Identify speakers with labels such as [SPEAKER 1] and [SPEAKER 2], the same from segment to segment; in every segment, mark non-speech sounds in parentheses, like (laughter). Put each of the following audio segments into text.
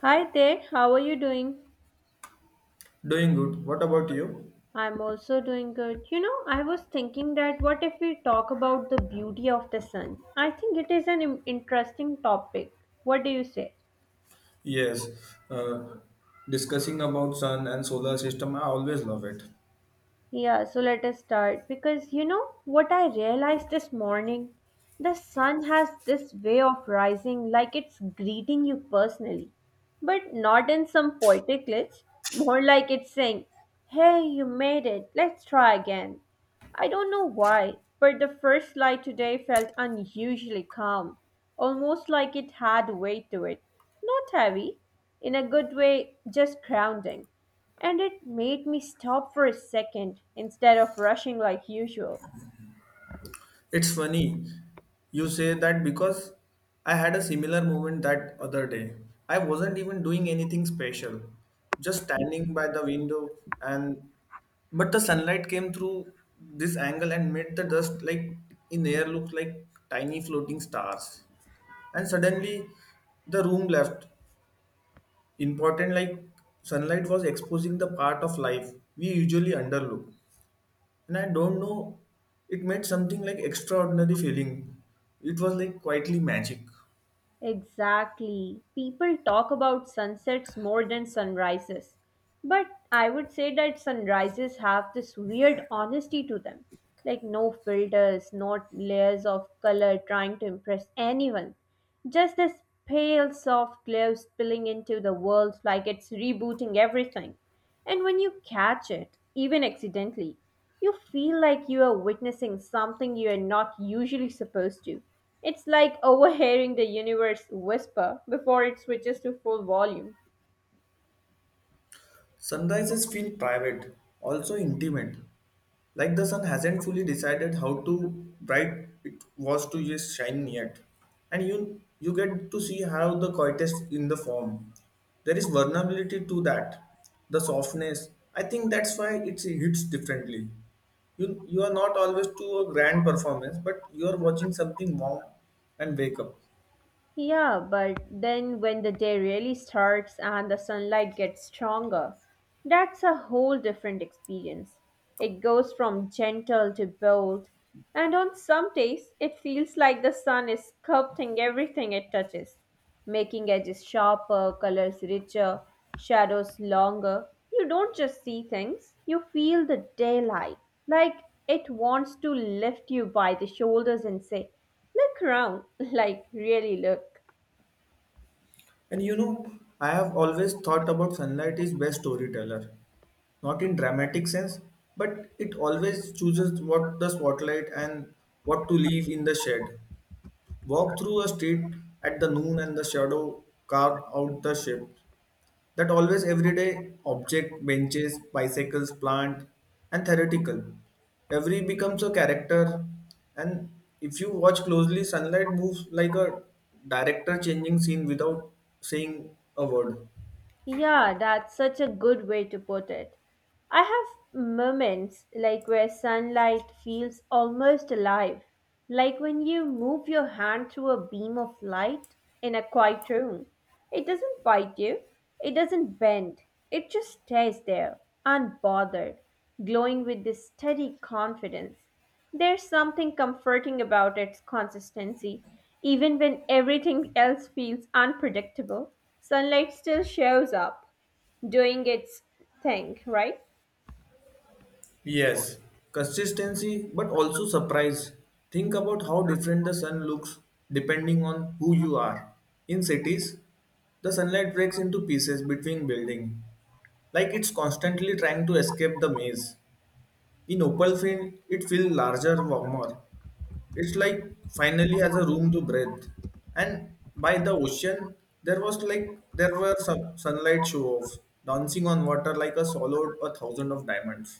[SPEAKER 1] Hi there, how are you doing?
[SPEAKER 2] Doing good. What about you?
[SPEAKER 1] I'm also doing good. You know, I was thinking that what if we talk about the beauty of the sun? I think it is an interesting topic. What do you say?
[SPEAKER 2] Yes, uh, discussing about sun and solar system, I always love it.
[SPEAKER 1] Yeah, so let us start because you know what I realized this morning? The sun has this way of rising like it's greeting you personally, but not in some poetic glitch, more like it's saying, hey, you made it, let's try again. I don't know why, but the first light today felt unusually calm, almost like it had weight to it. Not heavy, in a good way, just grounding. And it made me stop for a second instead of rushing like usual.
[SPEAKER 2] It's funny you say that because I had a similar moment that other day. I wasn't even doing anything special, just standing by the window and but the sunlight came through this angle and made the dust like in air look like tiny floating stars. And suddenly the room left important, like sunlight was exposing the part of life we usually underlook, and I don't know, it made something like extraordinary feeling. It was like quietly magic.
[SPEAKER 1] Exactly. People talk about sunsets more than sunrises. But I would say that sunrises have this weird honesty to them. Like no filters, not layers of color trying to impress anyone. Just this pale, soft glow spilling into the world like it's rebooting everything. And when you catch it, even accidentally, you feel like you are witnessing something you are not usually supposed to. It's like (laughs) overhearing the universe whisper before it switches to full volume.
[SPEAKER 2] Sunrises feel private, also intimate. Like the sun hasn't fully decided how to bright it was to just shine yet. And you get to see how the coytest in the form. There is vulnerability to that. The softness. I think that's why it hits differently. You are not always to a grand performance, but you are watching something warm and wake up.
[SPEAKER 1] Yeah, but then when the day really starts and the sunlight gets stronger, that's a whole different experience. It goes from gentle to bold, and on some days, it feels like the sun is sculpting everything it touches, making edges sharper, colors richer, shadows longer. You don't just see things, you feel the daylight, like it wants to lift you by the shoulders and say, look around, (laughs) like really look.
[SPEAKER 2] And you know, I have always thought about sunlight is best storyteller. Not in dramatic sense, but it always chooses what the spotlight and what to leave in the shade. Walk through a street at the noon and the shadow carve out the shape. That always everyday object, benches, bicycles, plant, and theoretical. Every becomes a character, and if you watch closely, sunlight moves like a director changing scene without saying a word.
[SPEAKER 1] Yeah, that's such a good way to put it. I have moments like where sunlight feels almost alive, like when you move your hand through a beam of light in a quiet room. It doesn't fight you, it doesn't bend, it just stays there, unbothered, glowing with this steady confidence. There's something comforting about its consistency. Even when everything else feels unpredictable, sunlight still shows up, doing its thing, right?
[SPEAKER 2] Yes, consistency, but also surprise. Think about how different the sun looks depending on who you are. In cities, the sunlight breaks into pieces between building, like it's constantly trying to escape the maze. In opal field, it feels larger, warmer. It's like finally has a room to breathe. And by the ocean, there was like there were some sunlight show-offs, dancing on water like a swallowed a thousand of diamonds.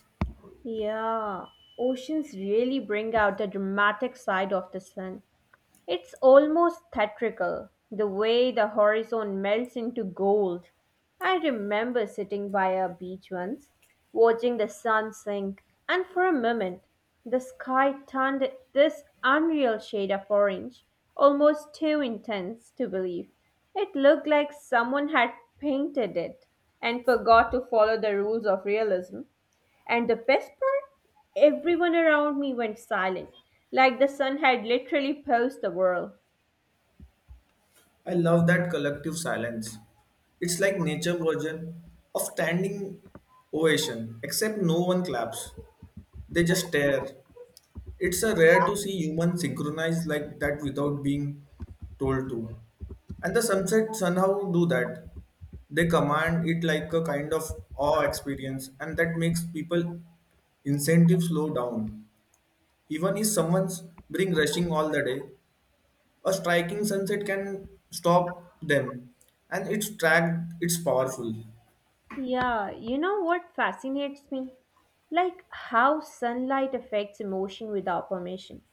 [SPEAKER 1] Yeah, oceans really bring out the dramatic side of the sun. It's almost theatrical, the way the horizon melts into gold. I remember sitting by a beach once, watching the sun sink, and for a moment, the sky turned this unreal shade of orange, almost too intense to believe. It looked like someone had painted it and forgot to follow the rules of realism. And the best part? Everyone around me went silent, like the sun had literally paused the world.
[SPEAKER 2] I love that collective silence. It's like nature version of standing ovation, except no one claps. They just stare. It's a rare to see humans synchronized like that without being told to. And the sunset somehow do that. They command it like a kind of awe experience, and that makes people incentive slow down. Even if someone's been rushing all the day, a striking sunset can stop them, and it's track it's powerful.
[SPEAKER 1] Yeah, you know what fascinates me? Like how sunlight affects emotion without permission.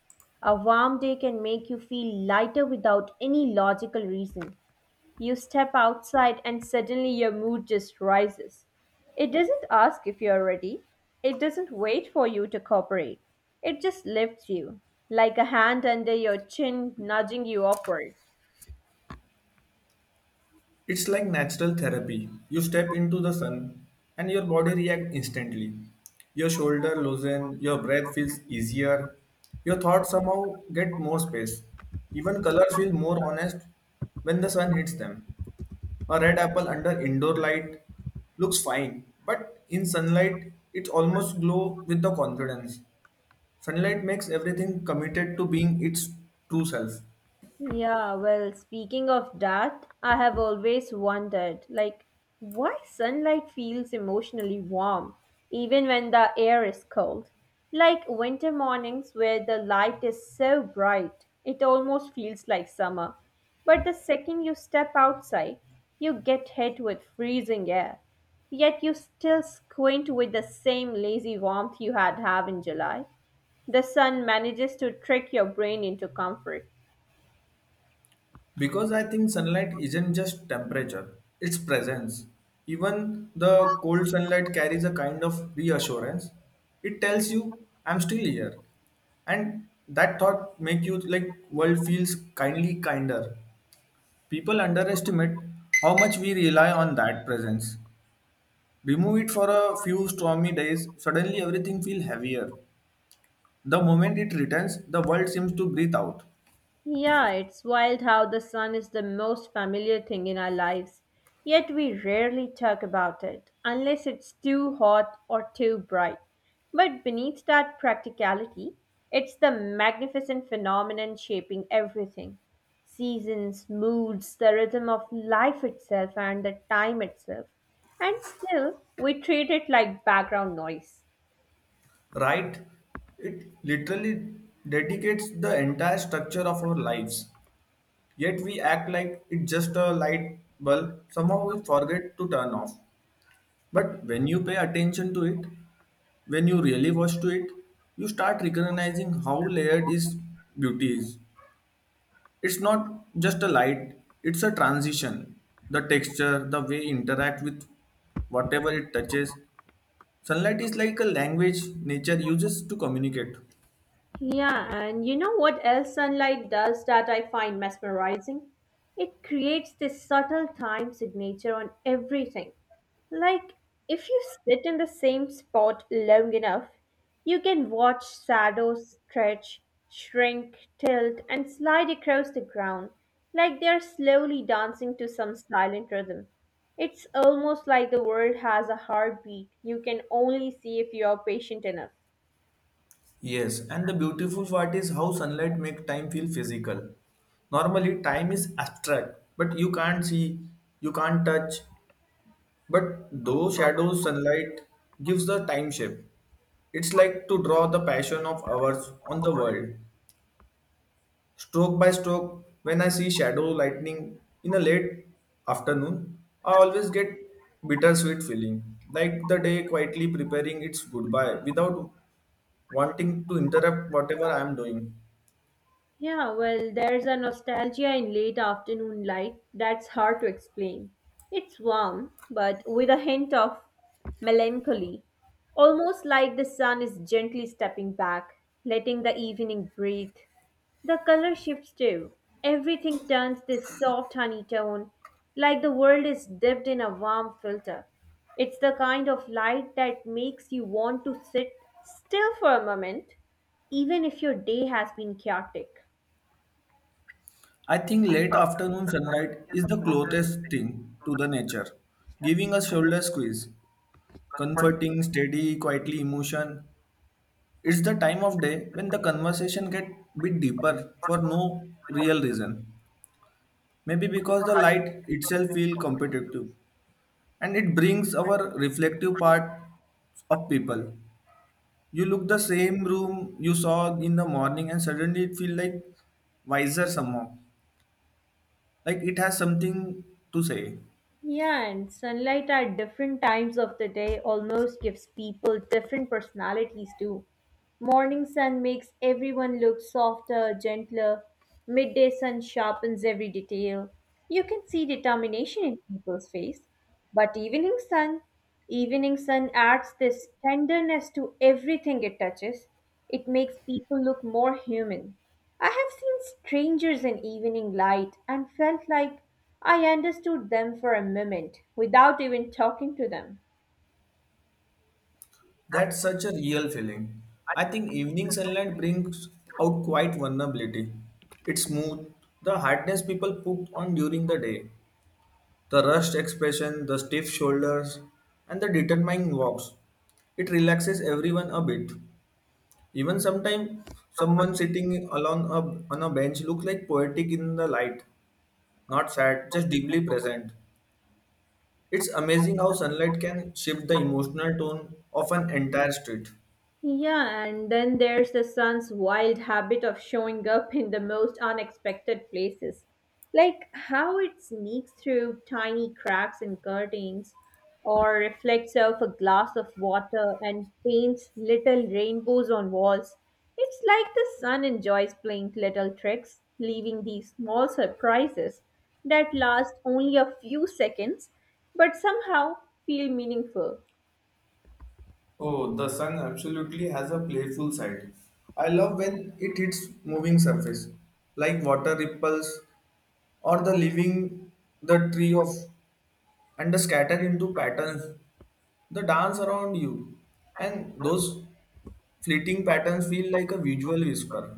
[SPEAKER 1] A warm day can make you feel lighter without any logical reason. You step outside and suddenly your mood just rises. It doesn't ask if you're ready, it doesn't wait for you to cooperate. It just lifts you, like a hand under your chin nudging you upward.
[SPEAKER 2] It's like natural therapy. You step into the sun, and your body reacts instantly. Your shoulder loosen, your breath feels easier, your thoughts somehow get more space. Even colors feel more honest when the sun hits them. A red apple under indoor light looks fine, but in sunlight, it almost glow with the confidence. Sunlight makes everything committed to being its true self.
[SPEAKER 1] Yeah, well, speaking of that, I have always wondered, like, why sunlight feels emotionally warm, even when the air is cold. Like winter mornings where the light is so bright, it almost feels like summer. But the second you step outside, you get hit with freezing air. Yet you still squint with the same lazy warmth you had have in July. The sun manages to trick your brain into comfort.
[SPEAKER 2] Because I think sunlight isn't just temperature, it's presence. Even the cold sunlight carries a kind of reassurance. It tells you, I'm still here, and that thought make you like world feels kindly kinder. People underestimate how much we rely on that presence. Remove it for a few stormy days, suddenly everything feels heavier. The moment it returns, the world seems to breathe out.
[SPEAKER 1] Yeah, it's wild how the sun is the most familiar thing in our lives, yet we rarely talk about it unless it's too hot or too bright. But beneath that practicality, it's the magnificent phenomenon shaping everything: seasons, moods, the rhythm of life itself, and the time itself. And still, we treat it like background noise.
[SPEAKER 2] Right, it literally dedicates the entire structure of our lives, yet we act like it's just a light bulb somehow we forget to turn off. But when you pay attention to it, when you really watch to it, you start recognizing how layered is beauty is. It's not just a light, it's a transition. The texture, the way it interact with whatever it touches. Sunlight is like a language nature uses to communicate.
[SPEAKER 1] Yeah, and you know what else sunlight does that I find mesmerizing? It creates this subtle time signature on everything. Like, if you sit in the same spot long enough, you can watch shadows stretch, shrink, tilt, and slide across the ground like they are slowly dancing to some silent rhythm. It's almost like the world has a heartbeat you can only see if you are patient enough.
[SPEAKER 2] Yes, and the beautiful part is how sunlight make time feel physical. Normally, time is abstract, but you can't see, you can't touch. But those shadows, sunlight gives the time shape. It's like to draw the passion of ours on the world, stroke by stroke. When I see shadow lightning in a late afternoon, I always get bittersweet feeling, like the day quietly preparing its goodbye without wanting to interrupt whatever I am doing.
[SPEAKER 1] Yeah, well, there's a nostalgia in late afternoon light that's hard to explain. It's warm, but with a hint of melancholy, almost like the sun is gently stepping back, letting the evening breathe. The color shifts too. Everything turns this soft honey tone, like the world is dipped in a warm filter. It's the kind of light that makes you want to sit still for a moment, even if your day has been chaotic.
[SPEAKER 2] I think late afternoon sunlight is the closest thing to the nature, giving a shoulder squeeze, comforting, steady, quietly emotion. It's the time of day when the conversation get bit deeper for no real reason. Maybe because the light itself feel competitive and it brings our reflective part of people. You look the same room you saw in the morning and suddenly it feel like wiser somehow. Like it has something to say.
[SPEAKER 1] Yeah, and sunlight at different times of the day almost gives people different personalities too. Morning sun makes everyone look softer, gentler. Midday sun sharpens every detail. You can see determination in people's face. But evening sun, evening sun adds this tenderness to everything it touches. It makes people look more human. I have seen strangers in evening light and felt like I understood them for a moment without even talking to them.
[SPEAKER 2] That's such a real feeling. I think evening sunlight brings out quite vulnerability. It's smooth, the hardness people put on during the day, the rushed expression, the stiff shoulders, and the determined walks. It relaxes everyone a bit. Even sometimes someone sitting alone on a bench looks like poetic in the light, not sad, just deeply present. It's amazing how sunlight can shift the emotional tone of an entire street.
[SPEAKER 1] Yeah, and then there's the son's wild habit of showing up in the most unexpected places. Like how it sneaks through tiny cracks in curtains, or reflects off a glass of water and paints little rainbows on walls. It's like the sun enjoys playing little tricks, leaving these small surprises that last only a few seconds but somehow feel meaningful.
[SPEAKER 2] Oh, the sun absolutely has a playful side. I love when it hits moving surface, like water ripples or the leaving the tree of and the scatter into patterns, the dance around you. And those fleeting patterns feel like a visual whisper.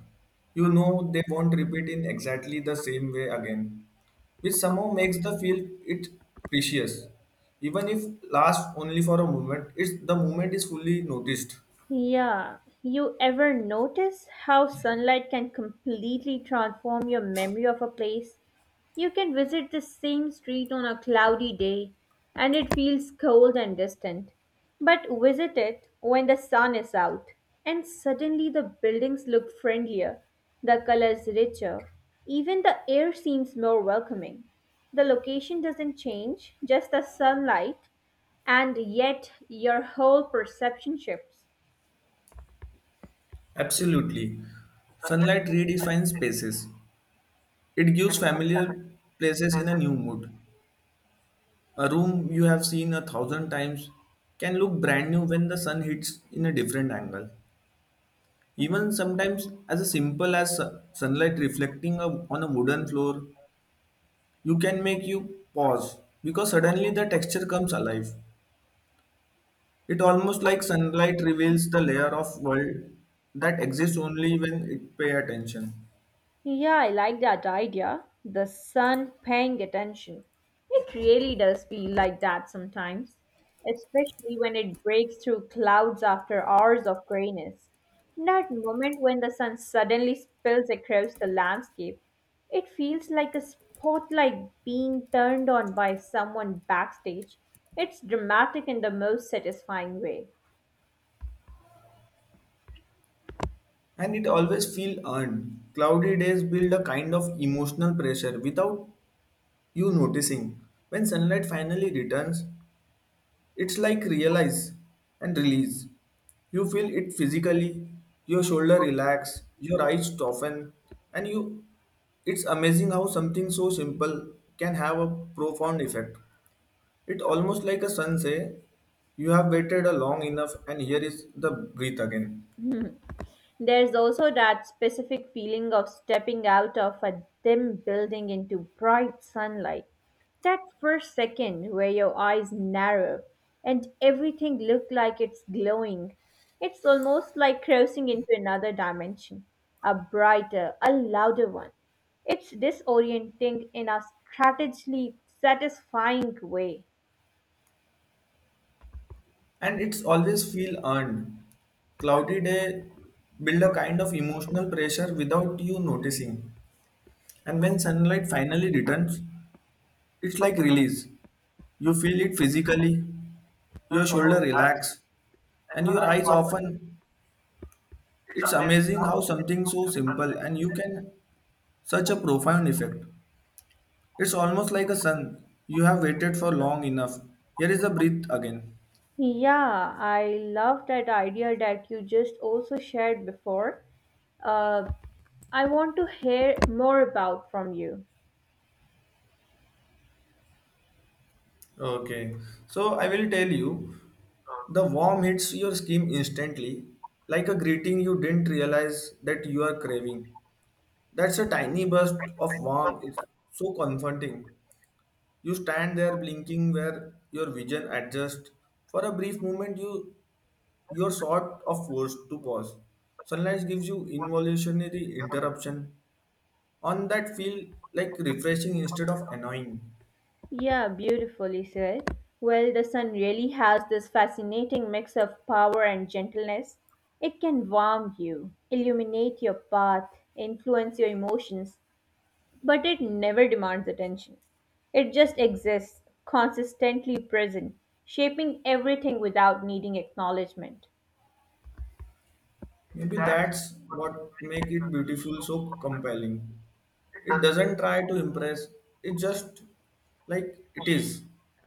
[SPEAKER 2] You know they won't repeat in exactly the same way again, which somehow makes the feel it precious. Even if lasts only for a moment, it's the moment is fully noticed.
[SPEAKER 1] Yeah, you ever notice how sunlight can completely transform your memory of a place? You can visit the same street on a cloudy day and it feels cold and distant, but visit it when the sun is out, and suddenly the buildings look friendlier, the colors richer, even the air seems more welcoming. The location doesn't change, just the sunlight, and yet your whole perception shifts.
[SPEAKER 2] Absolutely. Sunlight redefines spaces. It gives familiar places in a new mood. A room you have seen a thousand times can look brand new when the sun hits in a different angle. Even sometimes, as simple as sunlight reflecting on a wooden floor, you can make you pause because suddenly the texture comes alive. It almost like sunlight reveals the layer of world that exists only when it pay attention.
[SPEAKER 1] Yeah, I like that idea. The sun paying attention. It really does feel like that sometimes, especially when it breaks through clouds after hours of grayness. That moment when the sun suddenly spills across the landscape, it feels like a spotlight being turned on by someone backstage. It's dramatic in the most satisfying way.
[SPEAKER 2] And it always feel earned. Cloudy days build a kind of emotional pressure without you noticing. When sunlight finally returns, it's like realize and release. You feel it physically, your shoulder relax, your eyes soften, and you it's amazing how something so simple can have a profound effect. It's almost like a sun say, you have waited a long enough and here is the breath again.
[SPEAKER 1] There's also that specific feeling of stepping out of a dim building into bright sunlight. That first second where your eyes narrow and everything looks like it's glowing. It's almost like crossing into another dimension, a brighter, a louder one. It's disorienting in a strategically satisfying way.
[SPEAKER 2] And it's always feel earned. Cloudy day build a kind of emotional pressure without you noticing. And when sunlight finally returns, it's like release. You feel it physically, your shoulder relax, and your eyes often. It's amazing how something so simple and you can such a profound effect. It's almost like a sun. You have waited for long enough. Here is a breath again.
[SPEAKER 1] Yeah, I love that idea that you just also shared before. Uh, I want to hear more about from you.
[SPEAKER 2] Okay, so I will tell you. The warm hits your skin instantly, like a greeting you didn't realize that you are craving. That's a tiny burst of warmth. It's so comforting. You stand there blinking where your vision adjusts. For a brief moment, you're sort of forced to pause. Sunlight gives you involutionary interruption on that feel like refreshing instead of annoying.
[SPEAKER 1] Yeah, beautifully said. Well, the sun really has this fascinating mix of power and gentleness. It can warm you, illuminate your path, influence your emotions, but it never demands attention. It just exists, consistently present, shaping everything without needing acknowledgement.
[SPEAKER 2] Maybe that's what make it beautiful so compelling. It doesn't try to impress, it just like it is.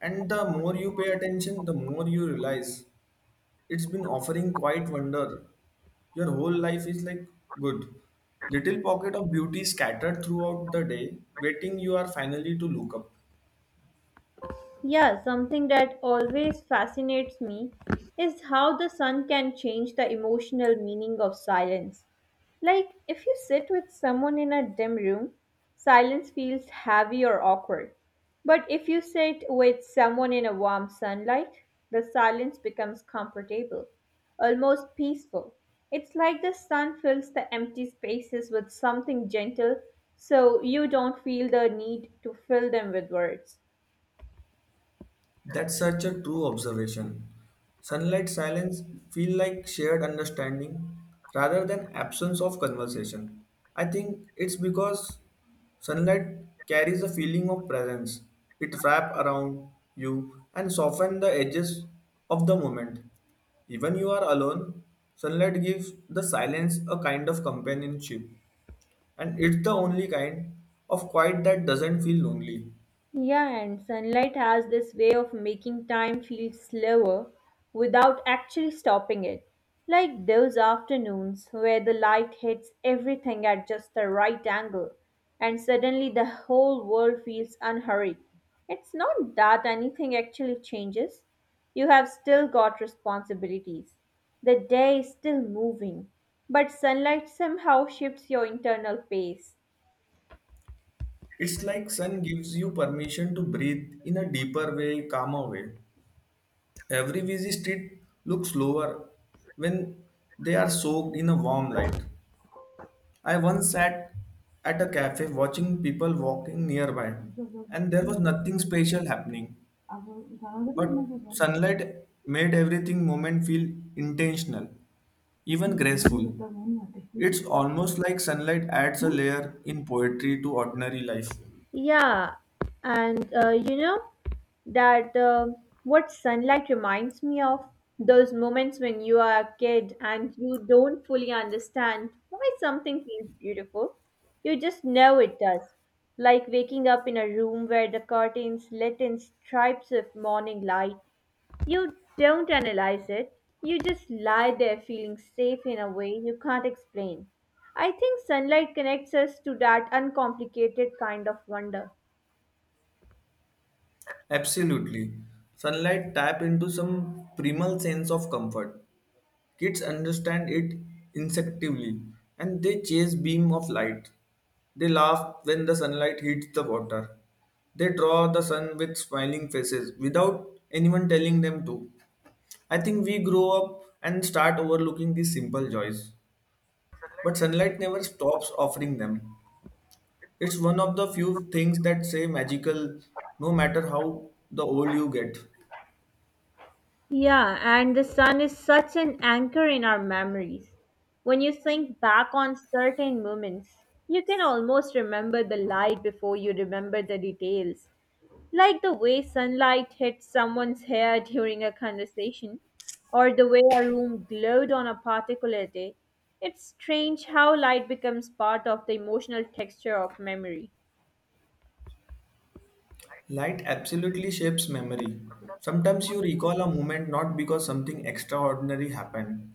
[SPEAKER 2] And the more you pay attention, the more you realize it's been offering quite wonder your whole life is like good little pocket of beauty scattered throughout the day waiting you are finally to look up.
[SPEAKER 1] Yeah, something that always fascinates me is how the sun can change the emotional meaning of silence. Like, if you sit with someone in a dim room, silence feels heavy or awkward. But if you sit with someone in a warm sunlight, the silence becomes comfortable, almost peaceful. It's like the sun fills the empty spaces with something gentle so you don't feel the need to fill them with words.
[SPEAKER 2] That's such a true observation. Sunlight silence feel like shared understanding rather than absence of conversation. I think it's because sunlight carries a feeling of presence. It wraps around you and softens the edges of the moment. Even you are alone, sunlight gives the silence a kind of companionship and it's the only kind of quiet that doesn't feel lonely.
[SPEAKER 1] Yeah, and sunlight has this way of making time feel slower without actually stopping it. Like those afternoons where the light hits everything at just the right angle, and suddenly the whole world feels unhurried. It's not that anything actually changes, you have still got responsibilities. The day is still moving, but sunlight somehow shifts your internal pace.
[SPEAKER 2] It's like sun gives you permission to breathe in a deeper way, calmer way. Every busy street looks slower when they are soaked in a warm light. I once sat at a cafe watching people walking nearby, and there was nothing special happening, but sunlight made everything moment feel intentional, even graceful. It's almost like sunlight adds a layer in poetry to ordinary life.
[SPEAKER 1] Yeah, and you know that what sunlight reminds me of, those moments when you are a kid and you don't fully understand why something feels beautiful. You just know it does. Like waking up in a room where the curtains lit in stripes of morning light. You don't analyze it. You just lie there feeling safe in a way you can't explain. I think sunlight connects us to that uncomplicated kind of wonder.
[SPEAKER 2] Absolutely. Sunlight tap into some primal sense of comfort. Kids understand it instinctively and they chase beam of light. They laugh when the sunlight hits the water. They draw the sun with smiling faces without anyone telling them to. I think we grow up and start overlooking these simple joys. But sunlight never stops offering them. It's one of the few things that say magical no matter how the old you get.
[SPEAKER 1] Yeah, and the sun is such an anchor in our memories. When you think back on certain moments, you can almost remember the light before you remember the details, like the way sunlight hit someone's hair during a conversation, or the way a room glowed on a particular day. It's strange how light becomes part of the emotional texture of memory.
[SPEAKER 2] Light absolutely shapes memory. Sometimes you recall a moment not because something extraordinary happened,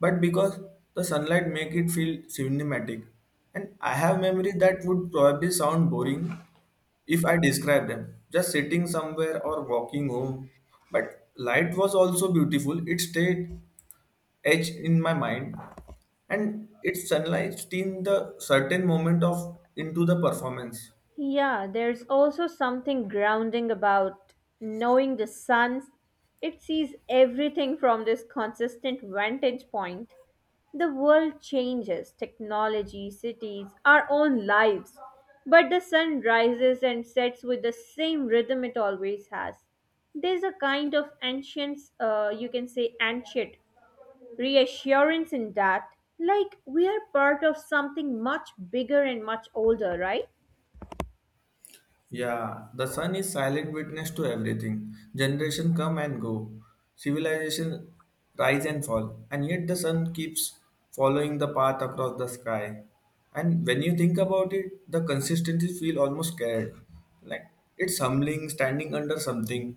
[SPEAKER 2] but because the sunlight make it feel cinematic. And I have memories that would probably sound boring if I describe them, just sitting somewhere or walking home. But light was also beautiful. It stayed etched in my mind, and its sunlight steamed the certain moment of into the performance.
[SPEAKER 1] Yeah, there's also something grounding about knowing the sun. It sees everything from this consistent vantage point. The world changes, technology, cities, our own lives. But the sun rises and sets with the same rhythm it always has. There's a kind of ancient, you can say ancient, reassurance in that. Like we are part of something much bigger and much older, right?
[SPEAKER 2] Yeah, the sun is silent witness to everything. Generation come and go, civilization rise and fall, and yet the sun keeps following the path across the sky. And when you think about it, the consistency feel almost scared. Like it's humbling, standing under something,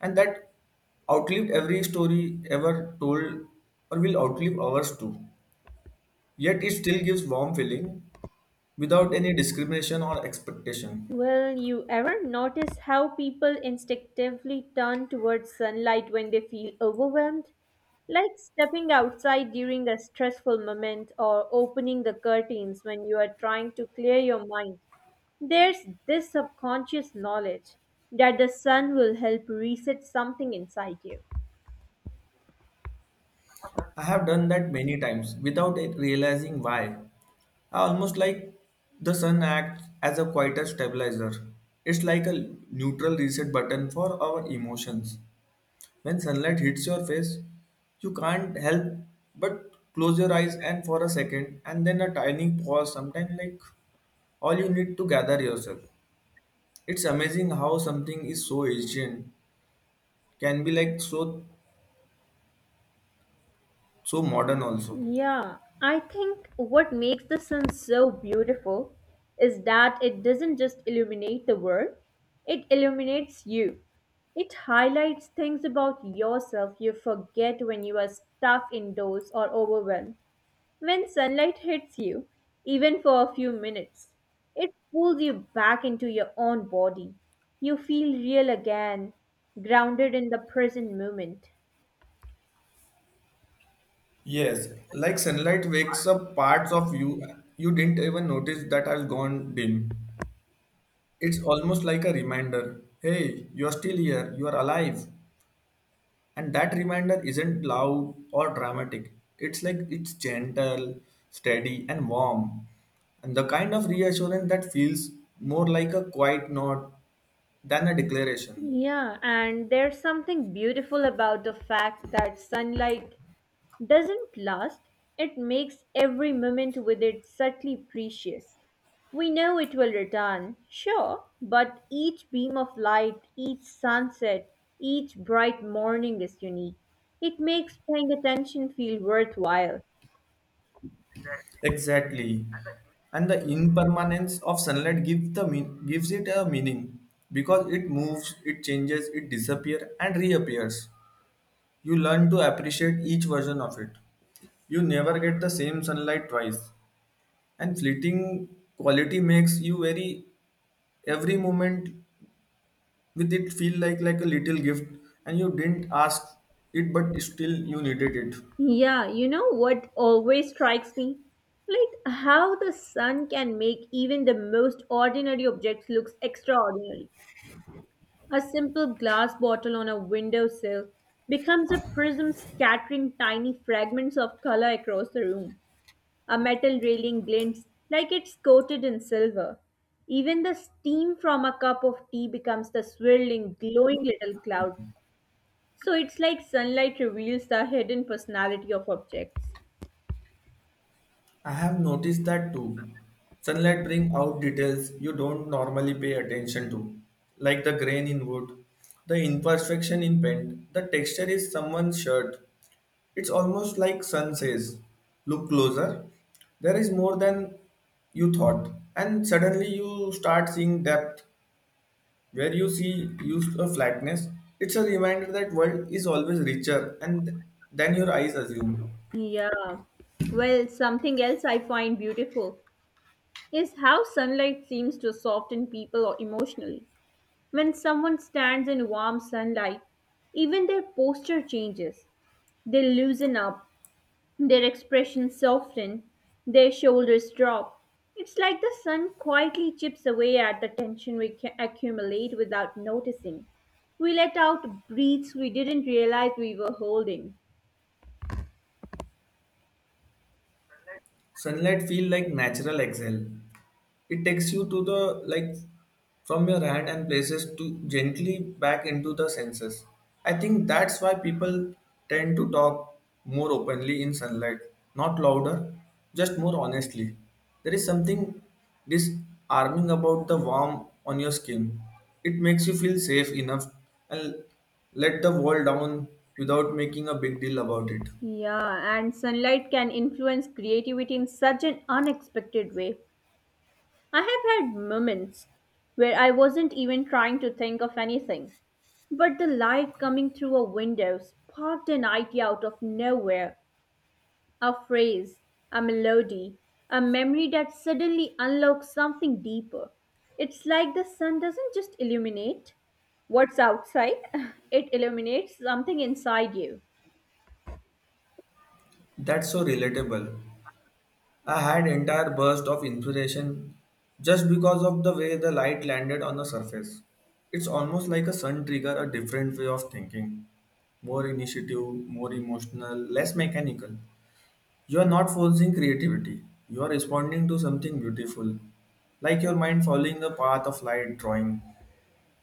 [SPEAKER 2] and that outlived every story ever told or will outlive ours too. Yet it still gives warm feeling without any discrimination or expectation.
[SPEAKER 1] Well, you ever notice how people instinctively turn towards sunlight when they feel overwhelmed? Like stepping outside during a stressful moment or opening the curtains when you are trying to clear your mind. There's this subconscious knowledge that the sun will help reset something inside you.
[SPEAKER 2] I have done that many times without it realizing why. I almost like the sun acts as a quieter stabilizer. It's like a neutral reset button for our emotions. When sunlight hits your face, you can't help but close your eyes and for a second and then a tiny pause sometimes like all you need to gather yourself. It's amazing how something is so ancient can be like so modern also.
[SPEAKER 1] Yeah, I think what makes the sun so beautiful is that it doesn't just illuminate the world, it illuminates you. It highlights things about yourself you forget when you are stuck indoors or overwhelmed. When sunlight hits you, even for a few minutes, it pulls you back into your own body. You feel real again, grounded in the present moment.
[SPEAKER 2] Yes, like sunlight wakes up parts of you didn't even notice that have gone dim. It's almost like a reminder hey, you're still here, you're alive. And that reminder isn't loud or dramatic, it's like it's gentle, steady, and warm. And the kind of reassurance that feels more like a quiet nod than a declaration.
[SPEAKER 1] Yeah, and there's something beautiful about the fact that sunlight doesn't last. It makes every moment with it subtly precious. We know it will return, sure, but each beam of light, each sunset, each bright morning is unique. It makes paying attention feel worthwhile.
[SPEAKER 2] Exactly. And the impermanence of sunlight gives the mean, gives it a meaning because it moves, it changes, it disappears and reappears. You learn to appreciate each version of it. You never get the same sunlight twice. And fleeting quality makes you very every moment with it feel like a little gift and you didn't ask it but still you needed it.
[SPEAKER 1] Yeah, you know what always strikes me? Like how the sun can make even the most ordinary objects looks extraordinary. A simple glass bottle on a windowsill becomes a prism scattering tiny fragments of color across the room. A metal railing glints like it's coated in silver. Even the steam from a cup of tea becomes the swirling, glowing little cloud. So it's like sunlight reveals the hidden personality of objects.
[SPEAKER 2] I have noticed that too. Sunlight brings out details you don't normally pay attention to, like the grain in wood, the imperfection in paint, the texture is someone's shirt. It's almost like sun says, look closer. There is more than you thought, and suddenly you start seeing depth where you see used a flatness. It's a reminder that world is always richer and than your eyes assume.
[SPEAKER 1] Yeah. Well, something else I find beautiful is how sunlight seems to soften people emotionally. When someone stands in warm sunlight, even their posture changes. They loosen up, their expression soften, their shoulders drop. It's like the sun quietly chips away at the tension we accumulate without noticing. We let out breaths we didn't realize we were holding.
[SPEAKER 2] Sunlight feel like natural exhale. It takes you to the like from your hand and places to gently back into the senses. I think that's why people tend to talk more openly in sunlight, not louder, just more honestly. There is something disarming about the warmth on your skin. It makes you feel safe enough and let the wall down without making a big deal about it.
[SPEAKER 1] Yeah, and sunlight can influence creativity in such an unexpected way. I have had moments where I wasn't even trying to think of anything, but the light coming through a window sparked an idea out of nowhere: a phrase, a melody, a memory that suddenly unlocks something deeper. It's like the sun doesn't just illuminate what's outside, (laughs) it illuminates something inside you.
[SPEAKER 2] That's so relatable. I had entire burst of inspiration just because of the way the light landed on the surface. It's almost like a sun trigger a different way of thinking. More initiative, more emotional, less mechanical. You are not forcing creativity. You are responding to something beautiful. Like your mind following the path of light drawing.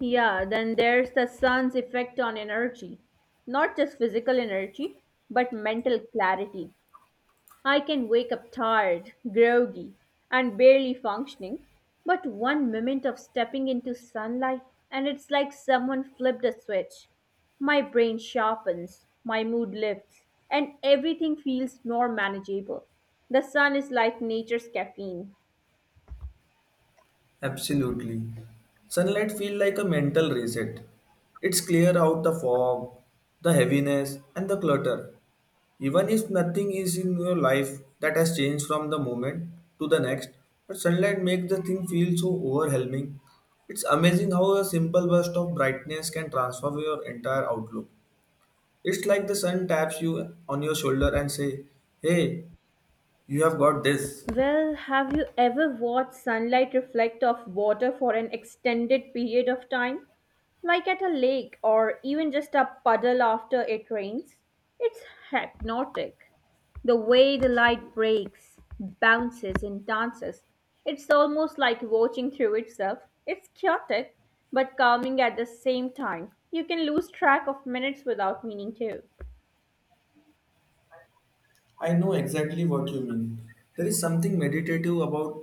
[SPEAKER 1] Yeah, then there's the sun's effect on energy. Not just physical energy, but mental clarity. I can wake up tired, groggy, and barely functioning, but one moment of stepping into sunlight and it's like someone flipped a switch. My brain sharpens, my mood lifts, and everything feels more manageable. The sun is like nature's caffeine.
[SPEAKER 2] Absolutely. Sunlight feels like a mental reset. It's clear out the fog, the heaviness, and the clutter. Even if nothing is in your life that has changed from the moment to the next, but sunlight makes the thing feel so overwhelming. It's amazing how a simple burst of brightness can transform your entire outlook. It's like the sun taps you on your shoulder and say, "Hey, you have got this."
[SPEAKER 1] Well, have you ever watched sunlight reflect off water for an extended period of time? Like at a lake or even just a puddle after it rains? It's hypnotic. The way the light breaks, bounces, and dances, it's almost like watching through itself. It's chaotic, but calming at the same time. You can lose track of minutes without meaning to.
[SPEAKER 2] I know exactly what you mean. There is something meditative about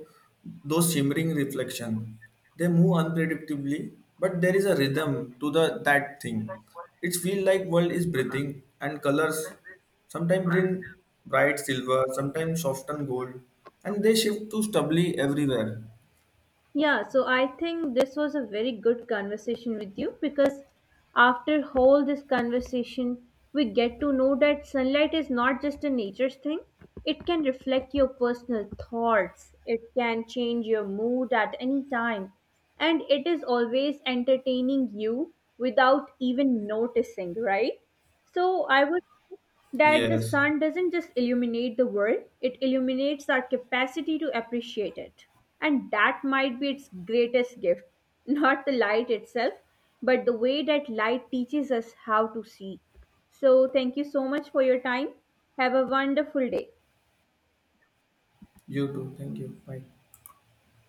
[SPEAKER 2] those shimmering reflection. They move unpredictably, but there is a rhythm to the that thing. It feels like world is breathing and colors sometimes bring bright silver, sometimes soften gold, and they shift to stubbly everywhere.
[SPEAKER 1] Yeah, so I think this was a very good conversation with you because after whole this conversation, we get to know that sunlight is not just a nature's thing. It can reflect your personal thoughts. It can change your mood at any time. And it is always entertaining you without even noticing, right? So I would that the
[SPEAKER 2] Yes.
[SPEAKER 1] sun doesn't just illuminate the world, it illuminates our capacity to appreciate it. And that might be its greatest gift, (laughs) not the light itself, but the way that light teaches us how to see. So, thank you so much for your time. Have a wonderful day.
[SPEAKER 2] You too. Thank you. Bye.